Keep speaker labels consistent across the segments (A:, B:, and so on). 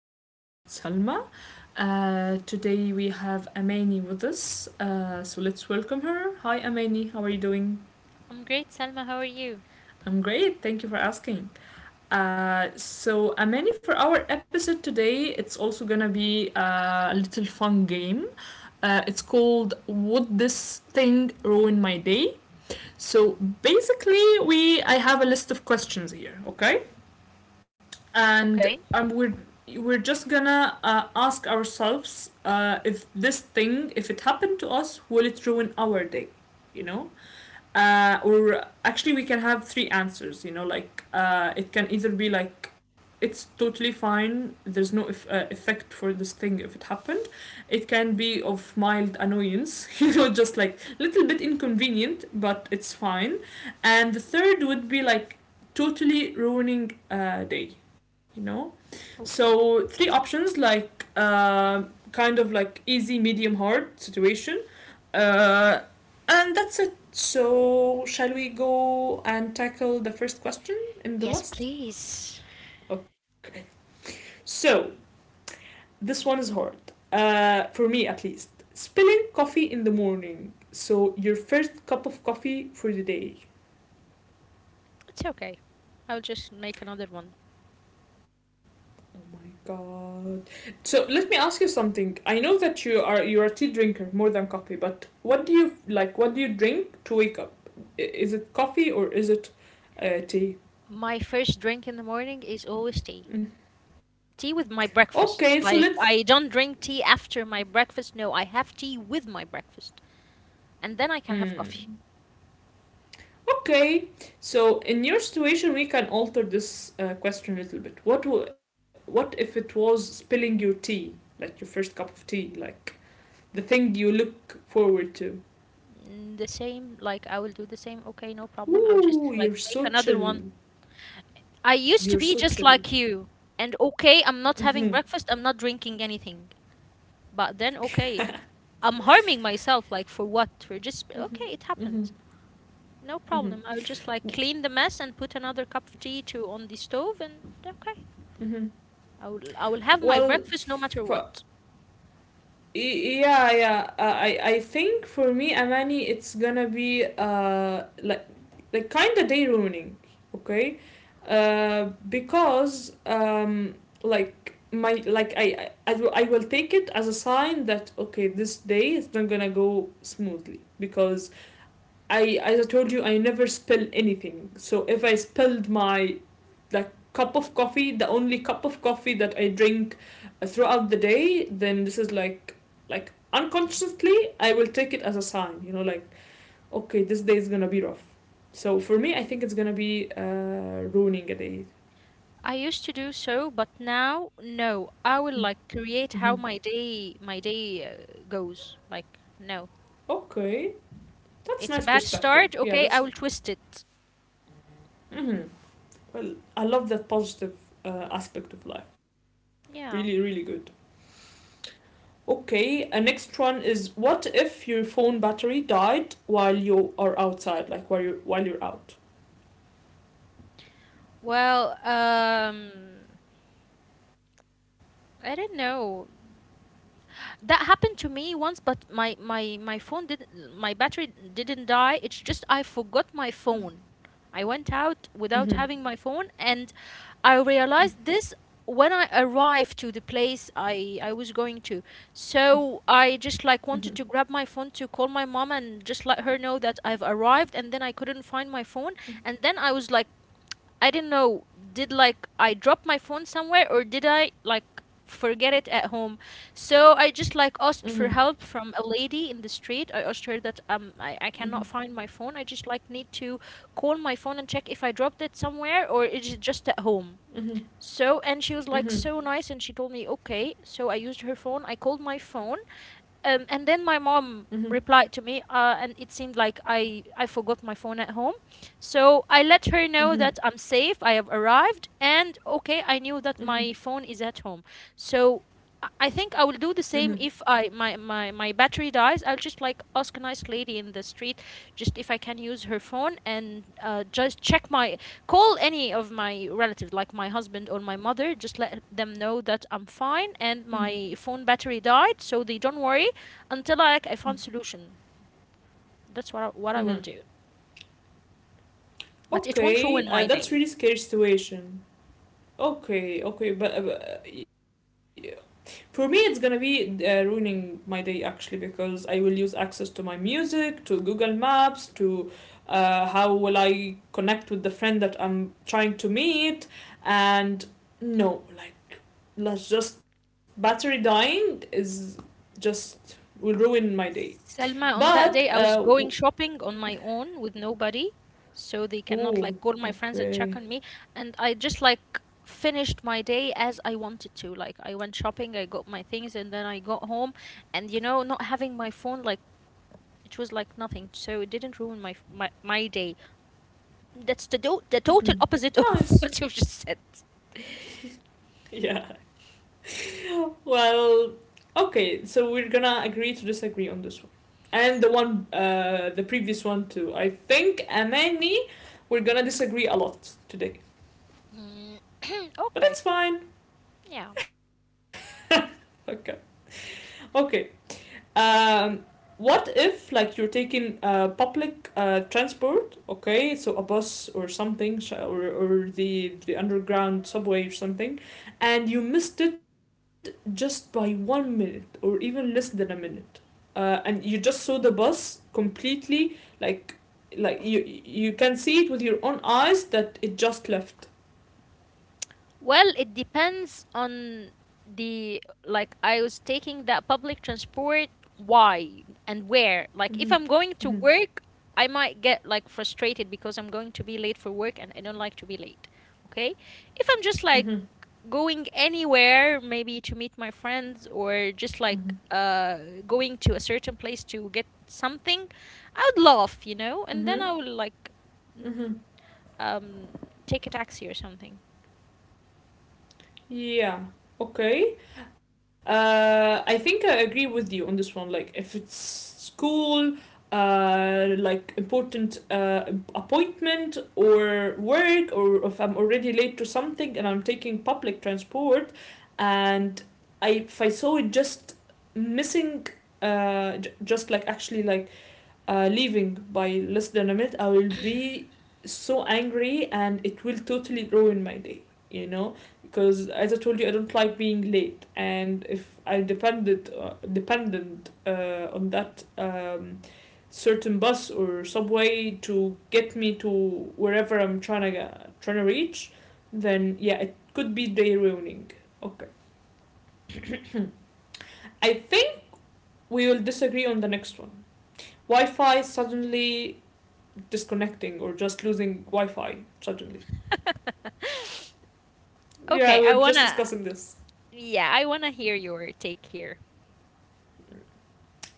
A: is your host Salma. Today we have Amani with us, so let's welcome her. Hi, Amani. How are you doing?
B: I'm great, Salma. How are you?
A: I'm great. Thank you for asking. Amani, for our episode today, it's also gonna be a little fun game. It's called "Would This Thing Ruin My Day?" So basically, we I have a list of questions here. Okay, and
B: Okay,
A: um, we're we're just gonna ask ourselves if this thing, if it happened to us, will it ruin our day? You know, or actually, we can have three answers. You know, like it can either be like it's totally fine. There's no if effect for this thing if it happened. It can be of mild annoyance, you know, just like a little bit inconvenient, but it's fine. And the third would be like totally ruining a day, you know.
B: okay.
A: So three options like kind of like easy, medium, hard situation, uh, and that's it. So shall we go and tackle the first question in
B: Yes,
A: the last?
B: please.
A: Okay. So this one is hard for me at least. Spilling coffee in the morning. So your first cup of coffee for the day.
B: It's okay. I'll just make another one.
A: Oh my god. So let me ask you something. I know that you are a tea drinker more than coffee, but what do you like? What do you drink to wake up? Is it coffee or is it tea?
B: My first drink in the morning is always tea. Tea with my breakfast.
A: Okay, so
B: Like,
A: let's.
B: I don't drink tea after my breakfast. No, I have tea with my breakfast. And then I can have
A: Hmm.
B: coffee.
A: Okay, so in your situation, we can alter this question a little bit. What if it was spilling your tea, like your first cup of tea, like the thing you look forward to?
B: The same, like, I will do the same. Okay, no problem. I'll just,
A: Ooh,
B: like,
A: you're
B: make
A: so
B: another
A: chill.
B: one. I used to
A: You're
B: be
A: so
B: just
A: chill.
B: like you. And okay, I'm not
A: Mhm.
B: having breakfast, I'm not drinking anything. But then, okay, I'm harming myself. Like for what? We're just okay, it
A: Mm-hmm. Mm-hmm.
B: happens. No
A: Mm-hmm.
B: problem. I will just like clean the mess and put another cup of tea to on the stove, and okay,
A: Mm-hmm.
B: I will have my
A: Well,
B: breakfast no matter
A: for,
B: what.
A: yeah, yeah. I think for me, Amani, it's gonna be like kind of day ruining, okay? Because like my like I will take it as a sign that okay, this day is not gonna go smoothly because I, as I told you, I never spill anything, so if I spilled my like cup of coffee, the only cup of coffee that I drink throughout the day, then this is like unconsciously I will take it as a sign, you know, like okay, this day is gonna be rough. So for me, I think it's gonna be ruining a day.
B: I used to do so, but now no. I will like
A: Mm-hmm.
B: create how my day goes. Like no,
A: Okay, that's
B: it's a
A: nice
B: bad
A: perspective.
B: start.
A: Yeah,
B: Okay, I
A: that's.
B: will twist it.
A: Mm-hmm. Well, I love that positive aspect of life. Really, really
B: Yeah.
A: good. Okay, a next one is, what if your phone battery died while you are outside, like while you're out.
B: Well, I don't know. That happened to me once, but my phone did, my battery didn't die, it's just I forgot my phone. I went out without having
A: Mhm.
B: my phone, and I realized this when I arrived to the place I was going to. So I just like
A: Mhm.
B: wanted to grab my phone to call my mom and just let her know that I've arrived, and then I couldn't find my phone. And then I was like, I didn't know, did like I drop my phone somewhere, or did I like forget it at home? So I just like asked for
A: Mhm.
B: help from a lady in the street. I asked her that I cannot
A: Mhm.
B: find my phone. I just like need to call my phone and check if I dropped it somewhere or is it just at home.
A: Mhm.
B: So, and she was like
A: Mhm.
B: so nice and she told me okay. So I used her phone. I called my phone, and then my
A: Mhm.
B: mom
A: Mhm.
B: replied to me, and it seemed like I forgot my phone at home. So I let her know that I'm safe, I have arrived, and okay, I knew that my
A: Mhm.
B: phone is at home. So I think I will
A: Mhm.
B: do the same. If I my, my my battery dies, I'll just like ask a nice lady in the street just if I can use her phone, and just check my call any of my relatives like my husband or my mother, just let them know that I'm fine and my phone battery died so they don't worry until
A: Mhm.
B: like I found solution. That's what I
A: Mhm.
B: will do. But it won't ruin
A: Okay,
B: my
A: that's
B: day.
A: really scary situation. Okay, okay, but uh, For me, it's gonna be ruining my day actually because I will use access to my music, to Google Maps, to how will I connect with the friend that I'm trying to meet, and no, like let's just battery dying is just will ruin my day.
B: Selma, on that day I
A: But
B: was
A: uh,
B: going
A: w-
B: shopping on my own with nobody, so they cannot like call
A: Ooh,
B: my friends and check on me.
A: okay.
B: And I just like finished my day as I wanted to. Like I went shopping, I got my things, and then I got home. And not having my phone, like it was like nothing. So it didn't ruin my day. That's the total
A: Mm-hmm.
B: opposite of
A: Nice,
B: what you just said.
A: yeah. Well, okay, so we're gonna agree to disagree on this one. And the one, the previous one too. I think, Amani, we're gonna disagree a lot today.
B: Mm,
A: But
B: okay.
A: that's fine.
B: Yeah.
A: Okay. Okay. Um, what if like you're taking public transport? Okay, so a bus or something, or the underground subway or something, and you missed it just by 1 minute or even less than a minute, and you just saw the bus completely like like you can see it with your own eyes that it just left.
B: Well, it depends on the like I was taking that public transport why and where.
A: Mm-hmm.
B: Like if I'm going
A: Mm-hmm.
B: to work, I might get like frustrated because I'm going to be late for work and I don't like to be late. Okay? If I'm just like
A: Mm-hmm.
B: going anywhere, maybe to meet my friends,
A: Mm-hmm.
B: or just like going to a certain place to get something, I would laugh, and then
A: Mm-hmm.
B: I will like
A: Mm-hmm.
B: um take a taxi or something.
A: Yeah. Okay. I think I agree with you on this one. Like, if it's school, like important appointment or work, or if I'm already late to something and I'm taking public transport, and I if I saw it just missing, just like actually like leaving by less than a minute, I will be so angry, and it will totally ruin my day, you know? Because as I told you, I don't like being late. And if I dependent on that certain bus or subway to get me to wherever I'm trying to, trying to reach, then yeah, it could be day ruining. Okay. I think we will disagree on the next one. Wi Fi suddenly disconnecting, or just losing Wi-Fi suddenly. Yeah,
B: Okay.
A: we are
B: I
A: just
B: wanna
A: discussing this.
B: Yeah, I want to hear your take here.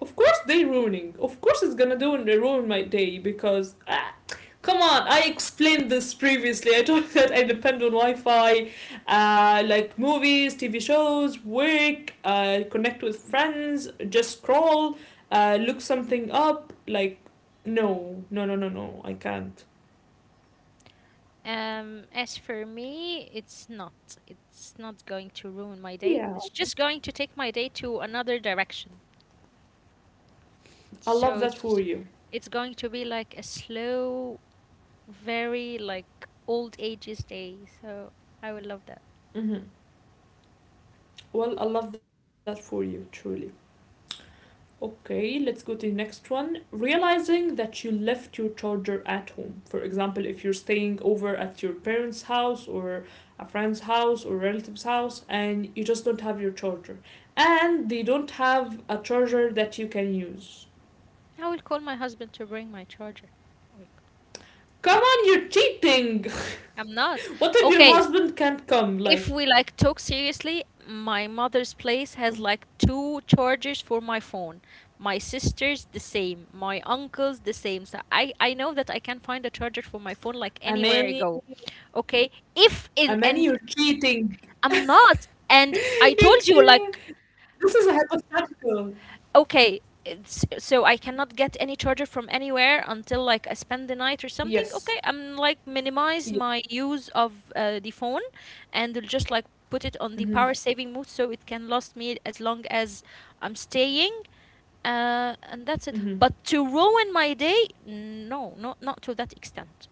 A: Of course, they ruining. Of course, it's gonna do and ruin my day because ah, come on. I explained this previously. I told you that I depend on Wi-Fi, like movies, TV shows, work, connect with friends, just scroll, look something up. Like, no, no, no, no, no. I can't.
B: As for me, it's not. It's not going to ruin my day.
A: Yeah.
B: It's just going to take my day to another direction.
A: I love
B: So
A: that for
B: it's
A: you.
B: it's going to be like a slow, very like old ages day. So I will love that.
A: Hmm. Well, I love that for you, truly. Okay, let's go to the next one. Realizing that you left your charger at home. For example, if you're staying over at your parents' house or a friend's house or relative's house, and you just don't have your charger. And they don't have a charger that you can use.
B: I will call my husband to bring my charger. Like,
A: Come on, you're cheating!
B: I'm not.
A: What if your
B: Okay,
A: husband can't come?
B: if
A: Like,
B: we like talk seriously, my mother's place has like two chargers for my phone. My sister's the same. My uncle's the same. So I know that I can find a charger for my phone like anywhere I
A: Amani,
B: go. Okay, if in
A: Amani,
B: and,
A: you're cheating.
B: I'm not. And I
A: You're
B: told you
A: cheating.
B: like,
A: This is a hypothetical.
B: okay it's, so I cannot get any charger from anywhere until like I spend the night or something.
A: Yes.
B: Okay, I'm like minimize
A: Yes.
B: my use of the phone, and will just like put it on the
A: Mhm.
B: power saving mode so it can last me as long as I'm staying, and that's it.
A: Mm-hmm.
B: But to ruin my day, no, not to that extent.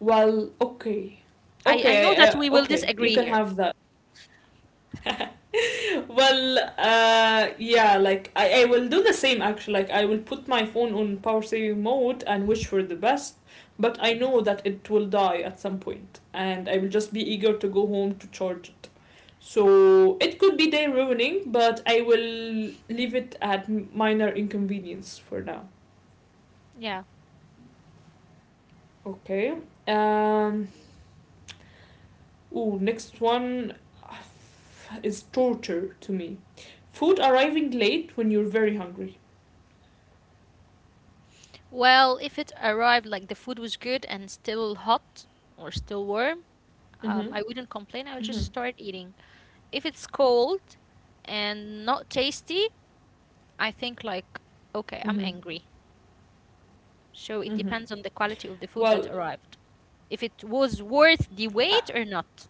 A: Well, okay.
B: I know that we will
A: Okay, you
B: disagree
A: can
B: here.
A: have that. Well, yeah, like I will do the same actually. Like I will put my phone on power saving mode and wish for the best, but I know that it will die at some point, and I will just be eager to go home to charge it. So it could be day ruining, but I will leave it at minor inconvenience for now.
B: Yeah.
A: Okay. Um. Ooh, next one is torture to me. Food arriving late when you're very hungry.
B: Well, if it arrived like the food was good and still hot or still warm,
A: Mm-hmm.
B: I wouldn't complain. I would
A: Mm-hmm.
B: just start eating. If it's cold and not tasty, I think like, okay, I'm
A: Mm-hmm.
B: angry. So it
A: Mm-hmm.
B: depends on the quality of the food that
A: Well,
B: arrived. If it was worth the
A: I,
B: wait or not.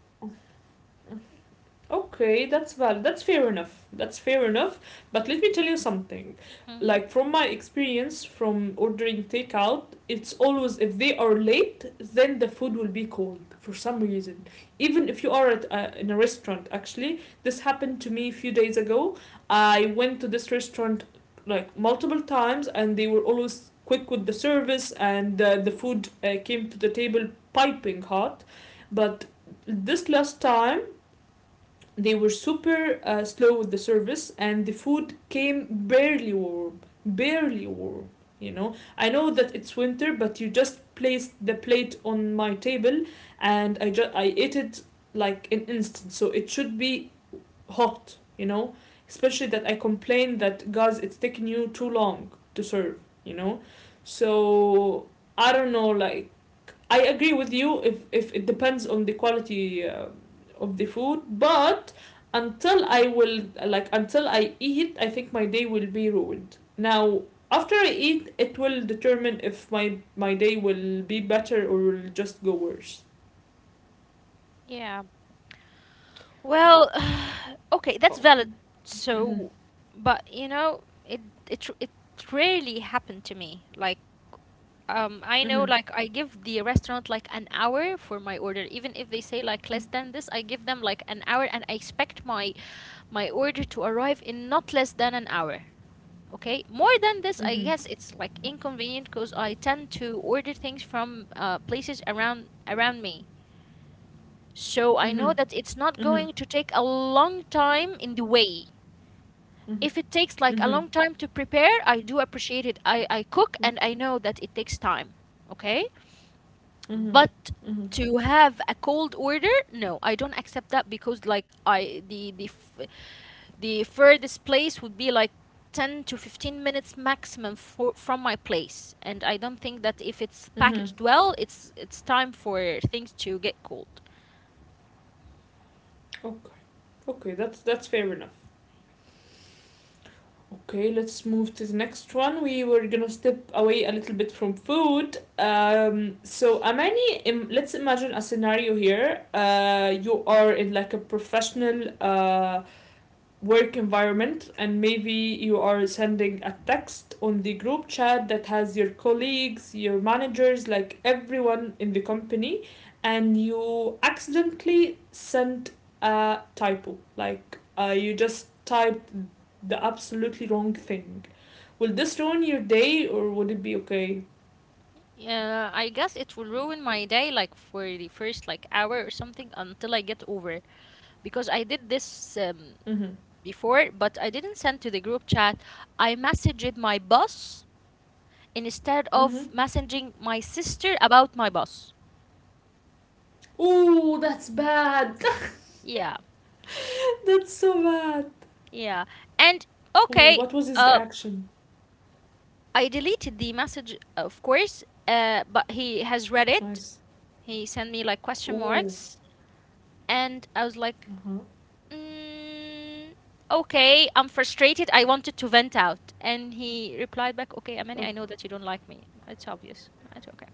A: okay, that's valid. That's fair enough. That's fair enough. But let me tell you something.
B: Mm-hmm.
A: Like from my experience from ordering takeout, it's always if they are late, then the food will be cold for some reason. Even if you are at in a restaurant, actually this happened to me a few days ago. I went to this restaurant like multiple times, and they were always quick with the service, and the food came to the table piping hot, but this last time they were super slow with the service, and the food came barely warm, barely warm. You know, I know that it's winter, but you just placed the plate on my table, and I ate it like an instant. So it should be hot. You know, especially that I complained that guys, it's taking you too long to serve. You know, so I don't know, like I agree with you if it depends on the quality of the food, but until I will like until I eat, I think my day will be ruined. Now after I eat, it will determine if my day will be better or will just go worse.
B: Yeah. Well, okay, that's
A: Oh.
B: valid. So, but, you know, it rarely happened to me. Like, I know,
A: Mhm.
B: like, I give the restaurant like an hour for my order, even if they say like less than this, I give them like an hour, and I expect my order to arrive in not less than an hour. Okay, more than this, I
A: Mhm.
B: guess it's like inconvenient because I tend to order things from places around me. So I know
A: Mhm.
B: that it's not
A: Mhm.
B: going to take a long time in the way.
A: Mhm.
B: If it takes like a
A: Mhm.
B: long time to prepare, I do appreciate it. I cook and I know that it takes time. Okay?
A: Mhm.
B: But
A: Mhm.
B: to have a cold order, no, I don't accept that, because like I the f- the furthest place would be like 10 to 15 minutes maximum from my place, and I don't think that if it's
A: Mhm.
B: packaged well, it's time for things to get cold.
A: Okay. Okay, that's fair enough. Okay, let's move to the next one. We were gonna step away a little bit from food. So Amani, let's imagine a scenario here. You are in like a professional work environment, and maybe you are sending a text on the group chat that has your colleagues, your managers, like everyone in the company, and you accidentally sent a typo. Like you just typed the absolutely wrong thing. Will this ruin your day, or would it be okay?
B: Yeah, I guess it will ruin my day like for the first like hour or something until I get over, because I did this
A: Mm-hmm.
B: before, but I didn't send to the group chat. I messaged my boss instead
A: Mm-hmm.
B: of messaging my sister about my boss.
A: Ooh, that's bad.
B: Yeah,
A: That's so bad.
B: yeah. And
A: Ooh,
B: okay,
A: what was his
B: uh,
A: reaction?
B: I deleted the message, of course, but he has read it.
A: Nice.
B: He sent me like question
A: Ooh.
B: marks, and I was like,
A: Uh-huh.
B: Mm, okay, I'm frustrated. I wanted to vent out. And he replied back, okay, Amani, I know that you don't like me. It's obvious. It's okay.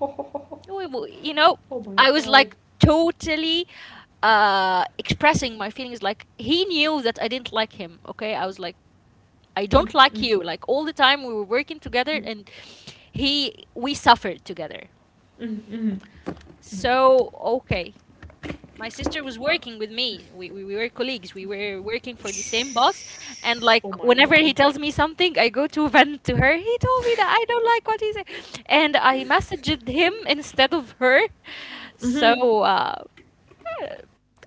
A: Oh, oh, oh, oh.
B: We- we- You know,
A: Oh my
B: I was
A: god.
B: like totally expressing my feelings. Like, he knew that I didn't like him. Okay, I was like, I don't
A: Mm-hmm.
B: like you. Like, all the time we were working together,
A: Mm-hmm.
B: and we suffered together.
A: Mm-hmm.
B: So,
A: Mm-hmm.
B: okay, my sister was working with
A: Uh,
B: me. We were colleagues. We were working for the same boss. And like
A: shh.
B: whenever
A: Oh
B: he
A: my
B: tells me
A: god.
B: something, I go to vent to her. He told me that I don't like what he said. And I messaged him instead of her. So,
A: Mm-hmm.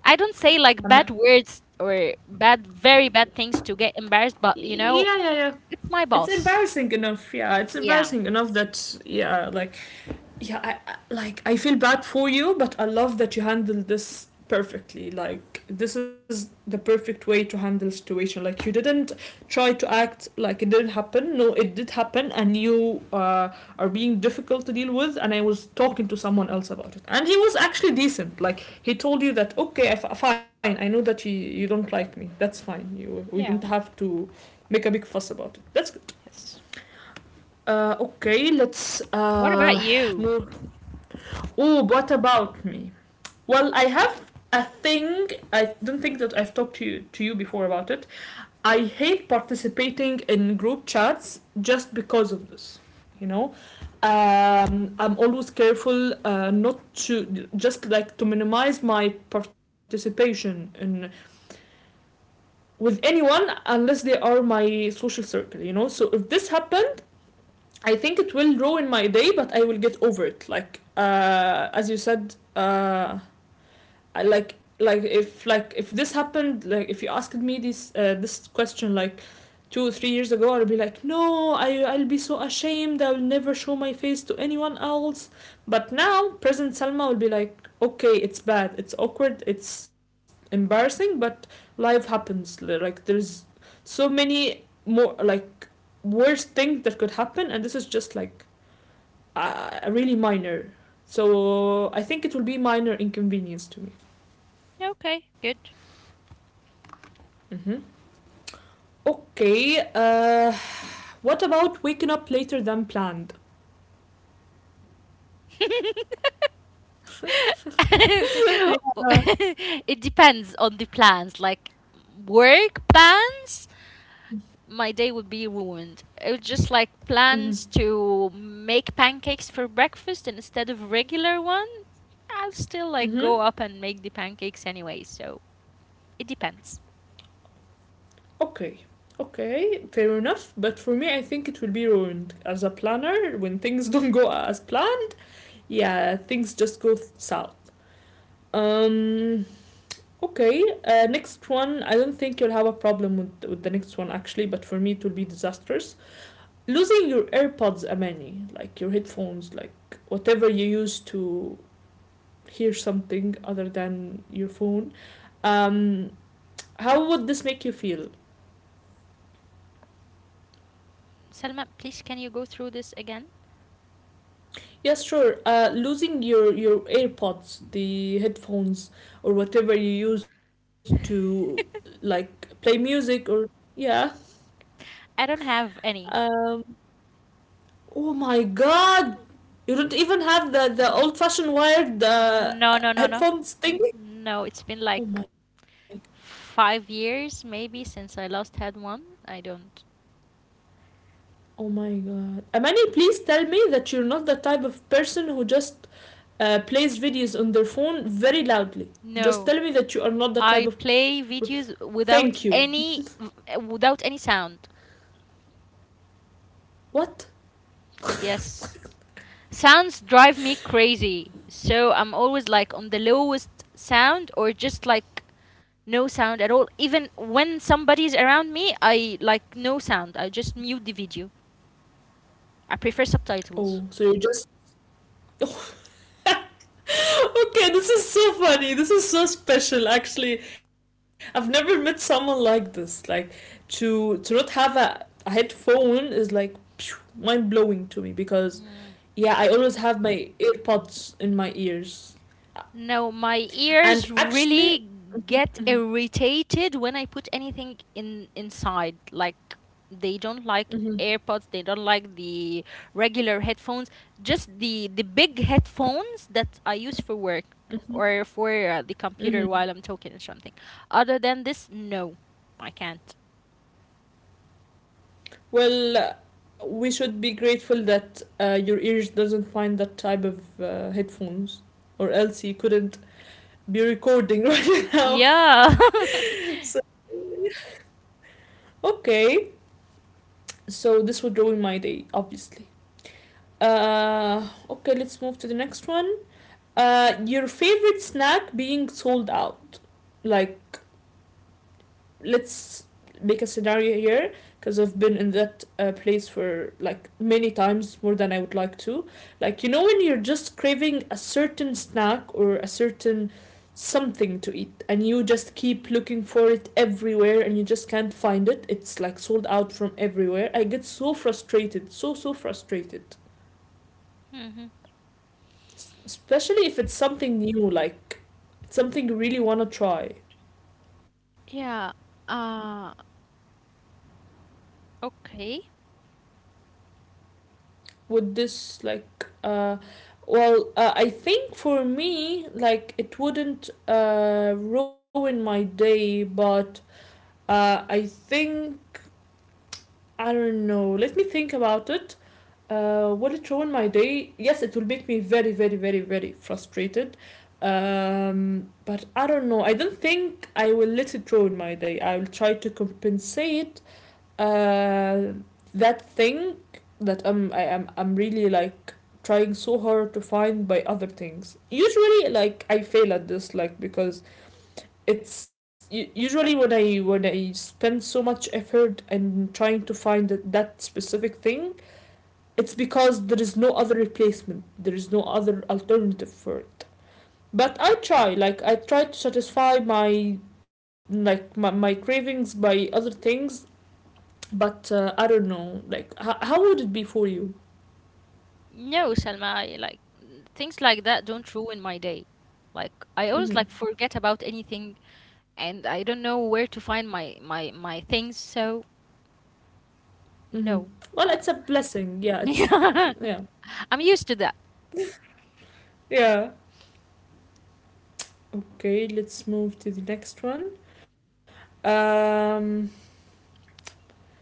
B: I don't say like
A: I'm,
B: bad
A: a-
B: words or bad, very bad things to get embarrassed, but, you know,
A: yeah, yeah, yeah.
B: it's my
A: It's
B: boss.
A: embarrassing enough. Yeah, it's
B: Yeah.
A: embarrassing enough that yeah, like yeah, like I feel bad for you, but I love that you handled this perfectly. Like this is the perfect way to handle situation. Like you didn't try to act like it didn't happen. No, it did happen, and you are being difficult to deal with. And I was talking to someone else about it, and he was actually decent. Like he told you that okay, fine. I know that you don't like me. That's fine. You we
B: Yeah.
A: don't have to make a big fuss about it. That's good.
B: Yes.
A: Uh, okay, let's
B: What about you?
A: move Oh, what about me? Well, I have a thing. I don't think that I've talked to you before about it. I hate participating in group chats just because of this. You know, I'm always careful not to just like to minimize my participation in with anyone unless they are my social circle. You know, so if this happens, I think it will ruin my day, but I will get over it. Like as you said. I like if this happened, like if you asked me this question like 2 or 3 years ago, I'll be like no, I'll be so ashamed, I'll never show my face to anyone else. But now present Salma will be like okay, it's bad, it's awkward, it's embarrassing, but life happens. Like there's so many more like worse things that could happen, and this is just like really minor. So I think it will be minor inconvenience to me.
B: Okay, good.
A: Mm-hmm. Okay, what about waking up later than planned?
B: It depends on the plans. Like work plans, my day would be ruined. It was just like
A: Mm-hmm.
B: plans to make pancakes for breakfast instead of regular one. I'll still like
A: Mm-hmm.
B: go up and make the pancakes anyway. So it depends.
A: Okay, okay, fair enough. But for me, I think it will be ruined. As a planner, when things don't go as planned, yeah, things just go south. Um, okay, next one. I don't think you'll have a problem with the next one actually, but for me, it will be disastrous. Losing your AirPods, Amani, like your headphones, like whatever you use to hear something other than your phone. Um, how would this make you feel?
B: Selma, please can you go through this again?
A: Yes, sure. Losing your AirPods, the headphones, or whatever you use to like play music or yeah.
B: I don't have any.
A: Um, oh my God, you don't even have the old fashioned wired
B: No, no, no, no.
A: headphones thing.
B: No, it's been like
A: Oh my,
B: 5 years maybe since I last had one. I don't.
A: oh my God. Amani, please tell me that you're not the type of person who just plays videos on their phone very loudly. Just
B: No.
A: tell me that you are not the type
B: I
A: of person.
B: play videos
A: Thank you.
B: without any sound.
A: What?
B: Yes. Sounds drive me crazy. So I'm always like on the lowest sound, or just like no sound at all. Even when somebody's around me, I like no sound. I just mute the video. I prefer subtitles.
A: Oh, so you're. Okay, this is so funny. This is so special. Actually, I've never met someone like this. Like to not have a headphone is like mind blowing to me because yeah, I always have my AirPods in my ears,
B: No, my
A: and
B: ears
A: actually.
B: really get irritated when I put anything in inside. Like they don't like
A: Hmm.
B: AirPods, they don't like the regular headphones, just the big headphones that I use for work,
A: Hmm.
B: or for the computer
A: Hmm.
B: while I'm talking or something. Other than this, no, I can't.
A: Well, we should be grateful that your ears doesn't find that type of headphones, or else you couldn't be recording right now.
B: Yeah.
A: Okay, so this would ruin my day, obviously. Okay, let's move to the next one. Your favorite snack being sold out, like, let's make a scenario here because I've been in that place for like many times more than I would like to. Like you know when you're just craving a certain snack or a certain something to eat and you just keep looking for it everywhere and you just can't find it. It's like sold out from everywhere. I get so frustrated, so frustrated.
B: Mhm.
A: S- especially if it's something new, like it's something you really want to try.
B: Yeah. Uh, Okay.
A: Would this like well, I think for me like it wouldn't ruin my day, but I think, I don't know, let me think about it. Uh, would it ruin my day? Yes, it will make me very, very, very, very frustrated. Um, but I don't know, I don't think I will let it ruin my day. I will try to compensate uh, that thing that I am, I'm really like trying so hard to find by other things. Usually like I fail at this like because it's usually when I spend so much effort and trying to find that specific thing, it's because there is no other replacement. There is no other alternative for it. But I try, like I try to satisfy my cravings by other things, but I don't know. Like, how would it be for you?
B: No, Salma, like things like that don't ruin my day. Like I always like
A: Mm-hmm.
B: forget about anything, and I don't know where to find my things, so
A: Mm-hmm.
B: no.
A: Well, it's
B: Uh,
A: a blessing. Yeah, it's yeah,
B: I'm used to that.
A: yeah. Okay, let's move to the next one. Um,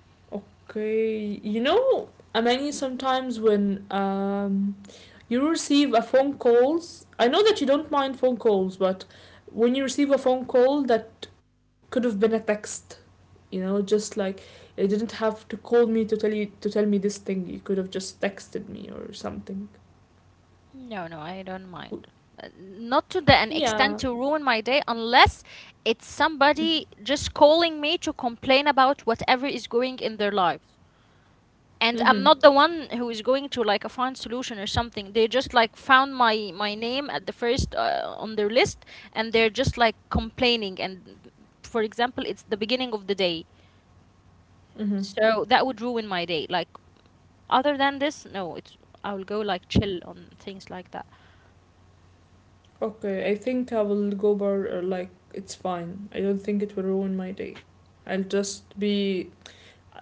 A: okay, you know, I mean, sometimes when you receive a phone calls, I know that you don't mind phone calls, but when you receive a phone call that could have been a text, you know, just like you didn't have to call me to tell you to tell me this thing, you could have just texted me or something.
B: No, no, I don't mind. Not to the an
A: Yeah.
B: extent to ruin my day, unless it's
A: Mm-hmm.
B: somebody just calling me to complain about whatever is going in their life. And I'm
A: Mm-hmm.
B: not the one who is going to like a find solution or something. They just like found my name at the first, on their list, and they're just like complaining. And for example, it's the beginning of the day,
A: Mm-hmm.
B: so that would ruin my day. Like other than this, no, it's I will go like chill on things like that.
A: Okay, I think I will go bar like it's fine, I don't think it will ruin my day. I'll just be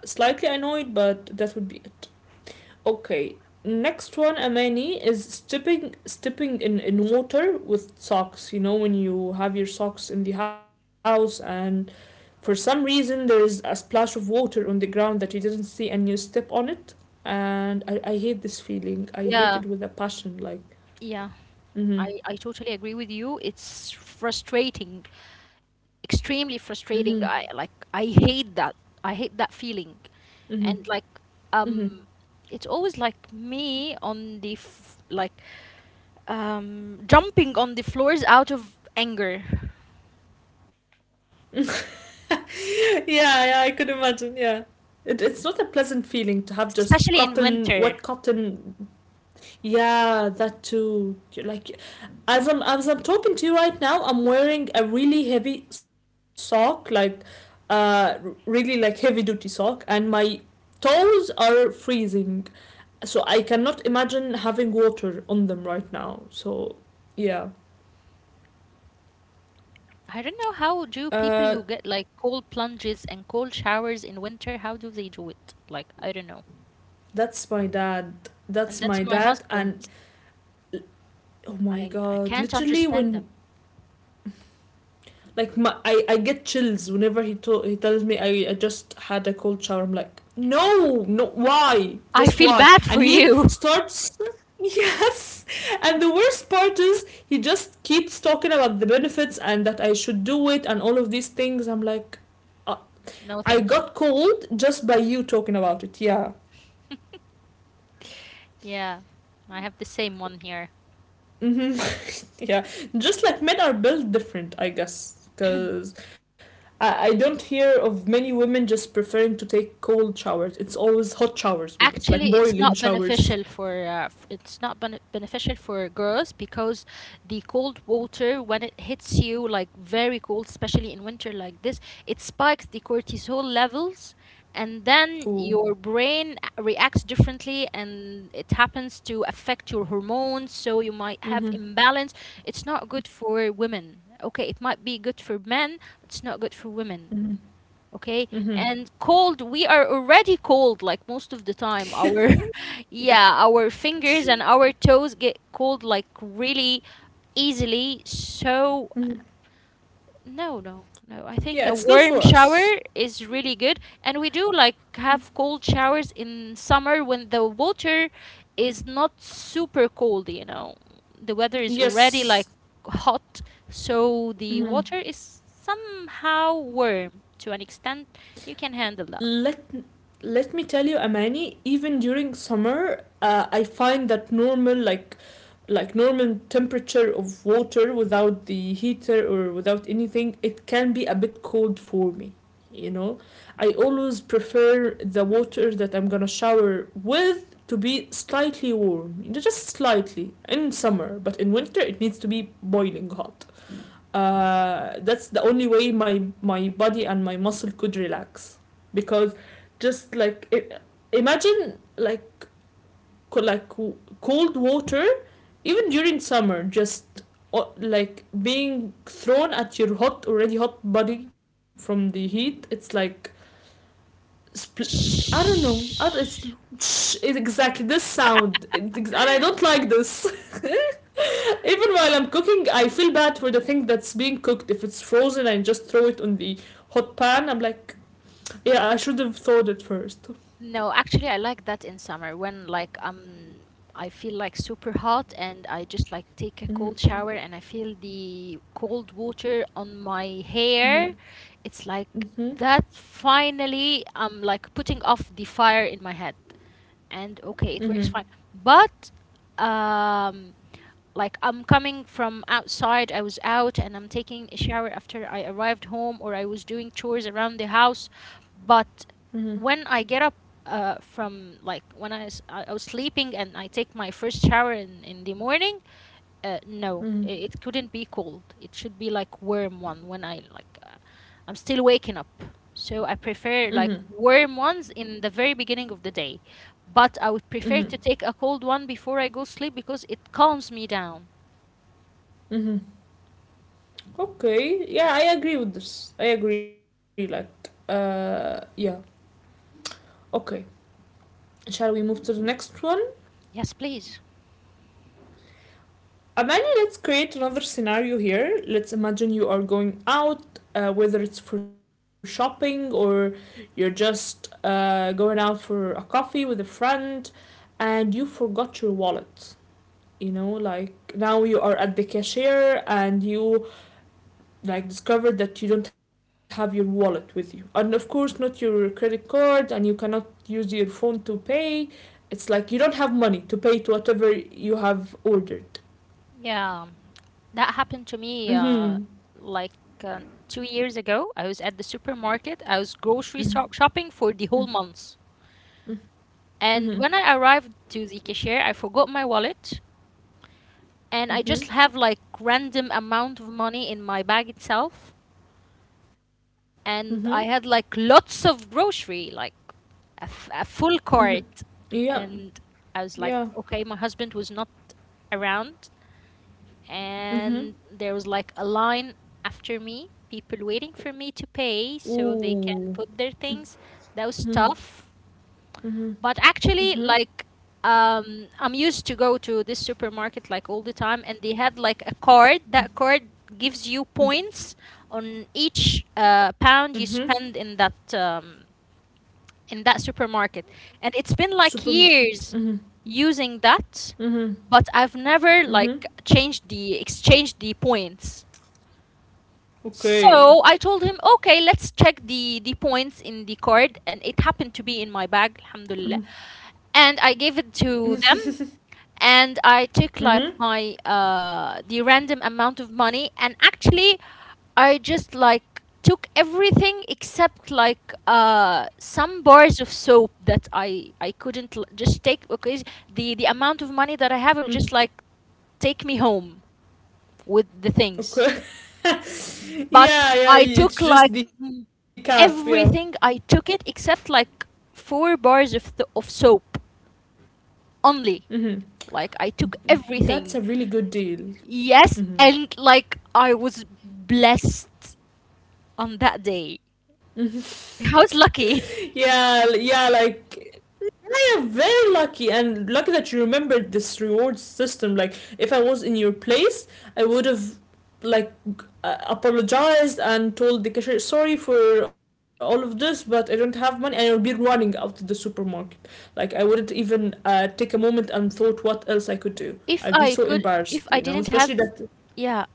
A: slightly annoyed, but that would be okay. Next one, Amani, is stepping in water with socks. You know, when you have your socks in the house and for some reason there is a splash of water on the ground that you didn't see and you step on it. And I hate this feeling.
B: Yeah,
A: I hate it with a passion. Like,
B: yeah. I totally
A: mm,
B: agree with you. It's frustrating, extremely
A: hmm,
B: frustrating. I
A: mm,
B: like I hate that. I hate that feeling. And
A: hmm,
B: like
A: mm,
B: um
A: hmm, mm,
B: it's always like me like jumping on the floors out of anger,
A: hmm. Yeah, yeah, I could imagine. Yeah. It's not a pleasant feeling to have just
B: especially in
A: cotton,
B: winter.
A: wet cotton. Yeah, that too. Like, as I'm talking to you right now, I'm wearing a really heavy sock, like, uh, really like heavy duty sock, and my toes are freezing. So I cannot imagine having water on them right now. So, yeah.
B: I don't know how do people
A: Uh,
B: who get like cold plunges and cold showers in winter, how do they do it? Like I don't know.
A: that's my dad.
B: And
A: That's
B: that's
A: my
B: my
A: dad, and
B: husband.
A: oh my
B: I
A: god,
B: can't
A: literally
B: understand
A: when
B: them.
A: like my, I get chills whenever he to, he tells me I just had a cold shower. I'm like no, no, why,
B: I
A: just
B: feel
A: why,
B: bad for
A: and he
B: you.
A: starts yes. And the worst part is he just keeps talking about the benefits and that I should do it and all of these things. I'm like uh, I
B: No,
A: got
B: thank you.
A: cold just by you talking about it. Yeah.
B: Yeah. I have the same one here.
A: Hmm. Yeah, just like men are built different, I guess, because I don't hear of many women just preferring to take cold showers. It's always hot showers with us,
B: Actually,
A: like boiling showers.
B: it's not beneficial for girls because the cold water when it hits you like very cold, especially in winter like this, it spikes the cortisol levels, and then
A: Ooh.
B: your brain reacts differently, and it happens to affect your hormones, so you might have
A: Mm-hmm.
B: imbalance. It's not good for women. Okay, it might be good for men, but it's not good for women.
A: Mm-hmm.
B: Okay.
A: Mm-hmm.
B: And cold, we are already cold like most of the time. Our
A: Yeah.
B: yeah, our fingers and our toes get cold like really easily. So
A: Mhm.
B: no, no, no. I
A: Yeah, it's
B: think
A: not
B: a
A: for
B: warm
A: us.
B: shower is really good. And we do like have cold showers in summer when the water is not super cold. The weather is already like
A: Yes.
B: hot, so the
A: Mhm.
B: water is somehow warm to an extent you can handle that.
A: Let, let me tell you, Amani, even during summer, I find that normal like normal temperature of water without the heater or without anything, it can be a bit cold for me. You know, I always prefer the water that I'm gonna shower with to be slightly warm, you know, just slightly in
B: Mm.
A: summer, but in winter it needs to be boiling hot. That's the only way my body and my muscle could relax because just like it, imagine like cold water even during summer just like being thrown at your hot already hot body from the heat. It's like I don't know, I don't, it's exactly this sound. It's and I don't like this. Even while I'm cooking, I feel bad for the thing that's being cooked. If it's frozen, I just throw it on the hot pan. I'm like, yeah, I should have thought it 1st.
B: No, actually, I like that in summer when like I feel like super hot and I just like take a cold shower and I feel the cold water on my hair. It's like that finally I'm like putting off the fire in my head and okay, it works fine. But um like I'm coming from outside, I was out and I'm taking a shower after I arrived home or I was doing chores around the house. But when I get up, from like when I was sleeping and I take my first shower in the morning, no, it couldn't be cold. It should be like warm one when I like, I'm still waking up. So I prefer like warm ones in the very beginning of the day, but I would prefer to take a cold one before I go sleep because it calms me down.
A: Okay, yeah, I agree with this. I agree. Like, yeah. Okay, shall we move to the next one?
B: Yes, please.
A: Amani, let's create another scenario here. Let's imagine you are going out, whether it's for shopping or you're just going out for a coffee with a friend, and you forgot your wallet. You know, like now you are at the cashier and you like discovered that you don't have your wallet with you, and of course not your credit card, and you cannot use your phone to pay. It's like you don't have money to pay to whatever you have ordered.
B: Yeah, that happened to me,
A: Mm-hmm.
B: like, uh, 2 years ago. I was at the supermarket, I was
A: Mm-hmm.
B: grocery shopping for the whole month.
A: Mm-hmm.
B: And when I arrived to the cashier, I forgot my wallet and I
A: Mm-hmm.
B: just have like random amount of money in my bag itself.
A: Mm-hmm.
B: And I had like lots of grocery, like a full
A: Mm-hmm.
B: cart.
A: Yep.
B: And I was
A: Yeah.
B: like, okay, my husband was not around. And there was like a line after me, people waiting for me to
A: Mm-hmm.
B: pay
A: Ooh.
B: so they can put their things.
A: Mm-hmm.
B: That was tough.
A: Mm-hmm.
B: But
A: Mm-hmm.
B: actually, like, I'm used to go to this supermarket like all the time, and they had like a card. That card gives you points on each,
A: Mm-hmm.
B: pound you spend in that, in that supermarket. And it's been
A: Super.
B: like
A: Mm-hmm.
B: years using that,
A: Mm-hmm.
B: but I've never
A: Mm-hmm.
B: like changed the exchanged the points.
A: Okay.
B: So I told him, okay, let's check the points in the card, and it happened to be in my bag, alhamdulillah. And I gave it to them,
A: Mm-hmm.
B: and I took like
A: Mm-hmm.
B: my, the random amount of money, and actually I just like took everything except like, some bars of soap that I couldn't just take because the amount of money that I have will just like take me home with the things.
A: Okay.
B: But
A: Yeah, yeah,
B: I took
A: it's
B: like,
A: just the
B: m-
A: cap, yeah.
B: everything I took it except like four bars of soap only.
A: Mm-hmm.
B: Like I took
A: That's
B: everything.
A: a really good deal.
B: Yes,
A: Mm-hmm.
B: and like I was blessed on that day. I was lucky.
A: Yeah, l- yeah, like very lucky and lucky that you remembered this reward system. Like if I was in your place, I would have like apologized and told the cashier sorry for all of this, but I don't have money and I'll be running out of the supermarket. Like I wouldn't even take a moment and thought what else I could do. I'd
B: If
A: be so
B: I could,
A: embarrassed,
B: if
A: you
B: I
A: know,
B: didn't
A: especially
B: have,
A: that
B: yeah,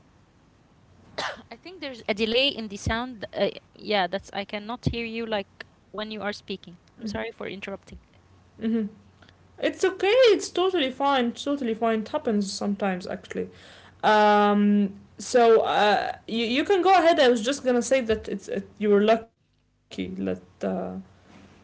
B: I think there's a delay in the sound. Yeah, that's I cannot hear you like when you are speaking. I'm sorry for interrupting.
A: hmm. It's okay, it's totally fine, it's totally fine, it happens sometimes actually. So you you can go ahead. I was just gonna say that it's it, you were lucky that yeah.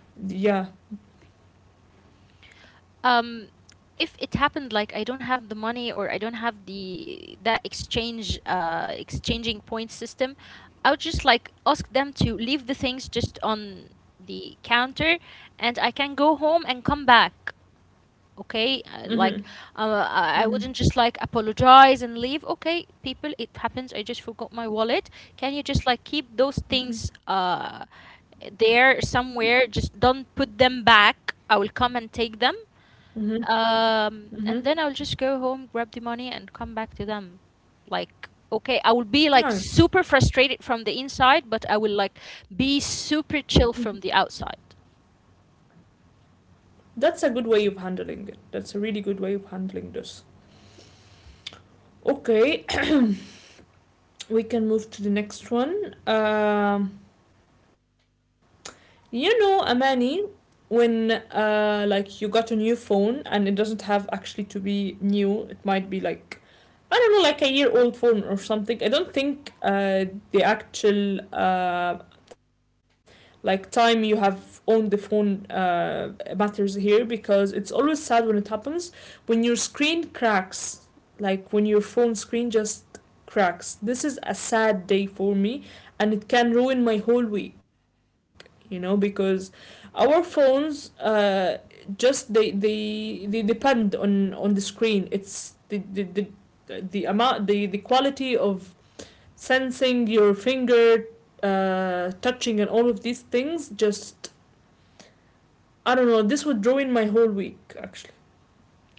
B: um if it happened like I don't have the money or I don't have the that exchange exchanging point system, I would just like ask them to leave the things just on the counter and I can go home and come back. Okay,
A: Mm-hmm.
B: like, I
A: Mm-hmm.
B: wouldn't just like apologize and leave. Okay, people, it happens. I just forgot my wallet. Can you just like keep those things,
A: Mm-hmm.
B: there somewhere? Just don't put them back. I will come and take them.
A: Mm-hmm.
B: And
A: Mm-hmm.
B: then I'll just go home, grab the money, and come back to them. Like, okay, I will be like
A: Nice.
B: super frustrated from the inside, but I will like be super chill from the outside.
A: That's a good way of handling it. That's a really good way of handling this. Okay, we can move to the next one. You know, Amani, when like you got a new phone and it doesn't have actually to be new, it might be like I don't know, like a year old phone or something. I don't think the actual like time you have on the phone matters here because it's always sad when it happens when your screen cracks, like when your phone screen just cracks. This is a sad day for me, and it can ruin my whole week, you know, because our phones just they depend on the screen. It's the the amount, the quality of sensing your finger touching and all of these things. Just I don't know, this would ruin my whole week actually.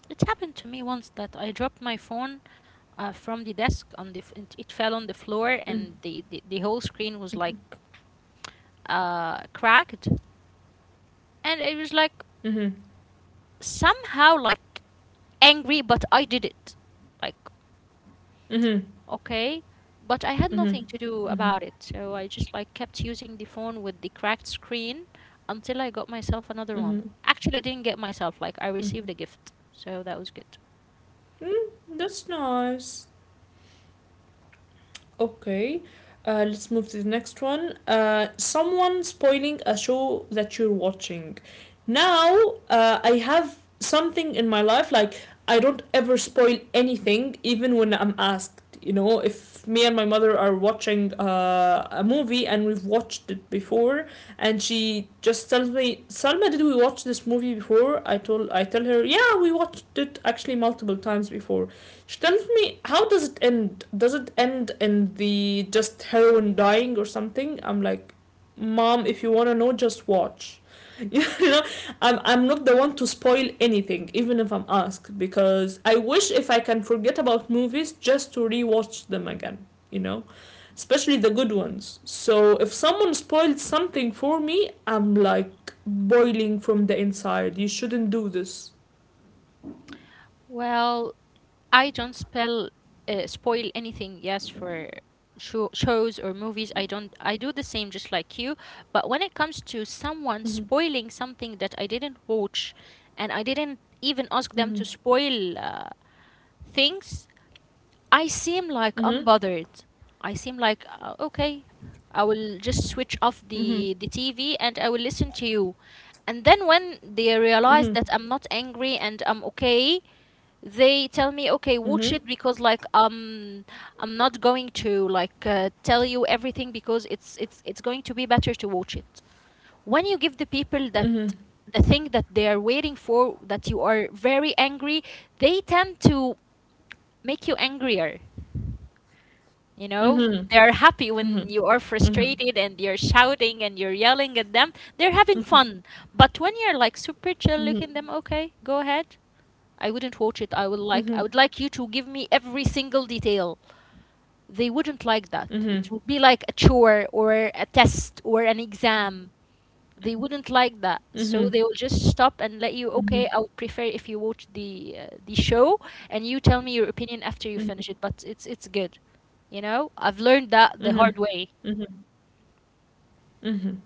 B: It happened to me once that I dropped my phone, from the desk on the, it it fell on the floor,
A: Mm.
B: and the whole screen was like, cracked, and it was like
A: Mhm.
B: somehow like angry, but I did it. Like,
A: Mhm.
B: okay, but I had
A: Mhm.
B: nothing to do
A: Mhm.
B: about it, so I just like kept using the phone with the cracked screen until I got myself another one.
A: Mhm.
B: Actually, I didn't get myself, like I
A: Mhm.
B: received a gift, so that was good.
A: Mm, that's nice. Okay, let's move to the next one. Someone spoiling a show that you're watching. Now, I have something in my life, like, I don't ever spoil anything, even when I'm asked. You know, if me and my mother are watching a movie and we've watched it before, and she just tells me, "Salma, did we watch this movie before?" I tell her, "Yeah, we watched it actually multiple times before." She tells me, how does it end? Does it end in the just heroine dying or something? I'm like, mom, if you wanna know, just watch. You know, I'm not the one to spoil anything, even if I'm asked, because I wish if I can forget about movies just to rewatch them again. You know, especially the good ones. So if someone spoiled something for me, I'm like boiling from the inside. You shouldn't do this.
B: Well, I don't spell spoil anything, yes, for shows or movies. I don't, I do the same just like you, but when it comes to someone
A: Mm-hmm.
B: spoiling something that I didn't watch and I didn't even ask them
A: Mm-hmm.
B: to spoil, things, I seem like
A: Mm-hmm.
B: unbothered. I seem like, okay, I will just switch off
A: Mm-hmm.
B: the TV and I will listen to you. And then when they realize
A: Mm-hmm.
B: that I'm not angry and I'm okay, they tell me okay, watch
A: Mhm.
B: it because like, I'm not going to like, tell you everything because it's going to be better to watch it. When you give the people that
A: Mhm.
B: the thing that they are waiting for that you are very angry, they tend to make you angrier. You know,
A: Mhm.
B: they're happy when
A: Mhm.
B: you are
A: Mhm.
B: frustrated and you're shouting and you're yelling at them. They're having fun. But when you're like super chill
A: Mhm.
B: looking them, okay, go ahead. I wouldn't watch it. I would like I
A: Mhm.
B: would like you to give me every single detail. They wouldn't like that. It
A: Mhm.
B: would be like a chore or a test or an exam. They wouldn't like that, so
A: Mhm.
B: they will just stop and let you.
A: Mhm.
B: Okay, I would prefer if you watch the, the show and you tell me your opinion after you
A: Mhm.
B: finish it, but it's good. I've learned that the
A: Mhm.
B: hard way.
A: Mhm. Mhm.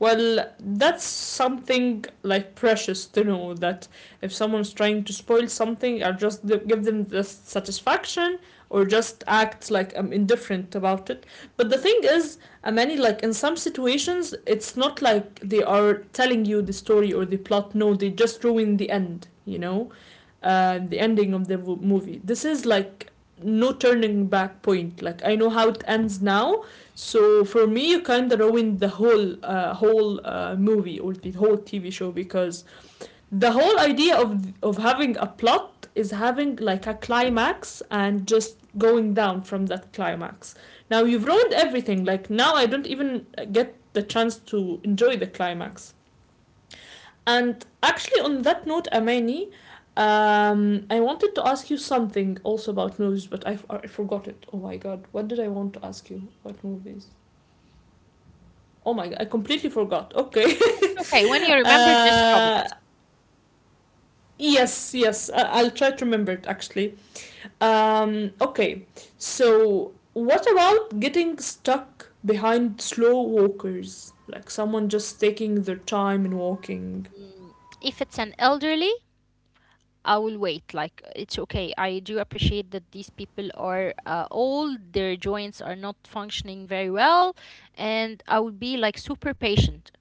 A: Well, that's something like precious to know, that if someone's trying to spoil something, or just give them the satisfaction, or just act like I'm indifferent about it. But the thing is, many like in some situations, it's not like they are telling you the story or the plot. No, they just ruin the end. You know, the ending of the movie. This is like no turning back point. Like I know how it ends now, so for me, you kind of ruined the whole movie or the whole TV show, because the whole idea of having a plot is having like a climax and just going down from that climax. Now you've ruined everything. Like now, I don't even get the chance to enjoy the climax. And actually, on that note, Amani, I wanted to ask you something also about movies, but I forgot it. Oh my god, what did I want to ask you about movies? Oh my, I completely forgot. Okay.
B: It's okay. When you remember, just drop it.
A: uh, yes, yes, I'll try to remember it actually. Okay, so what about getting stuck behind slow walkers? Like someone just taking their time in walking.
B: Mm, if it's an elderly, I will wait. Like it's okay. I do appreciate that these people are, old. Their joints are not functioning very well, and I will be like super patient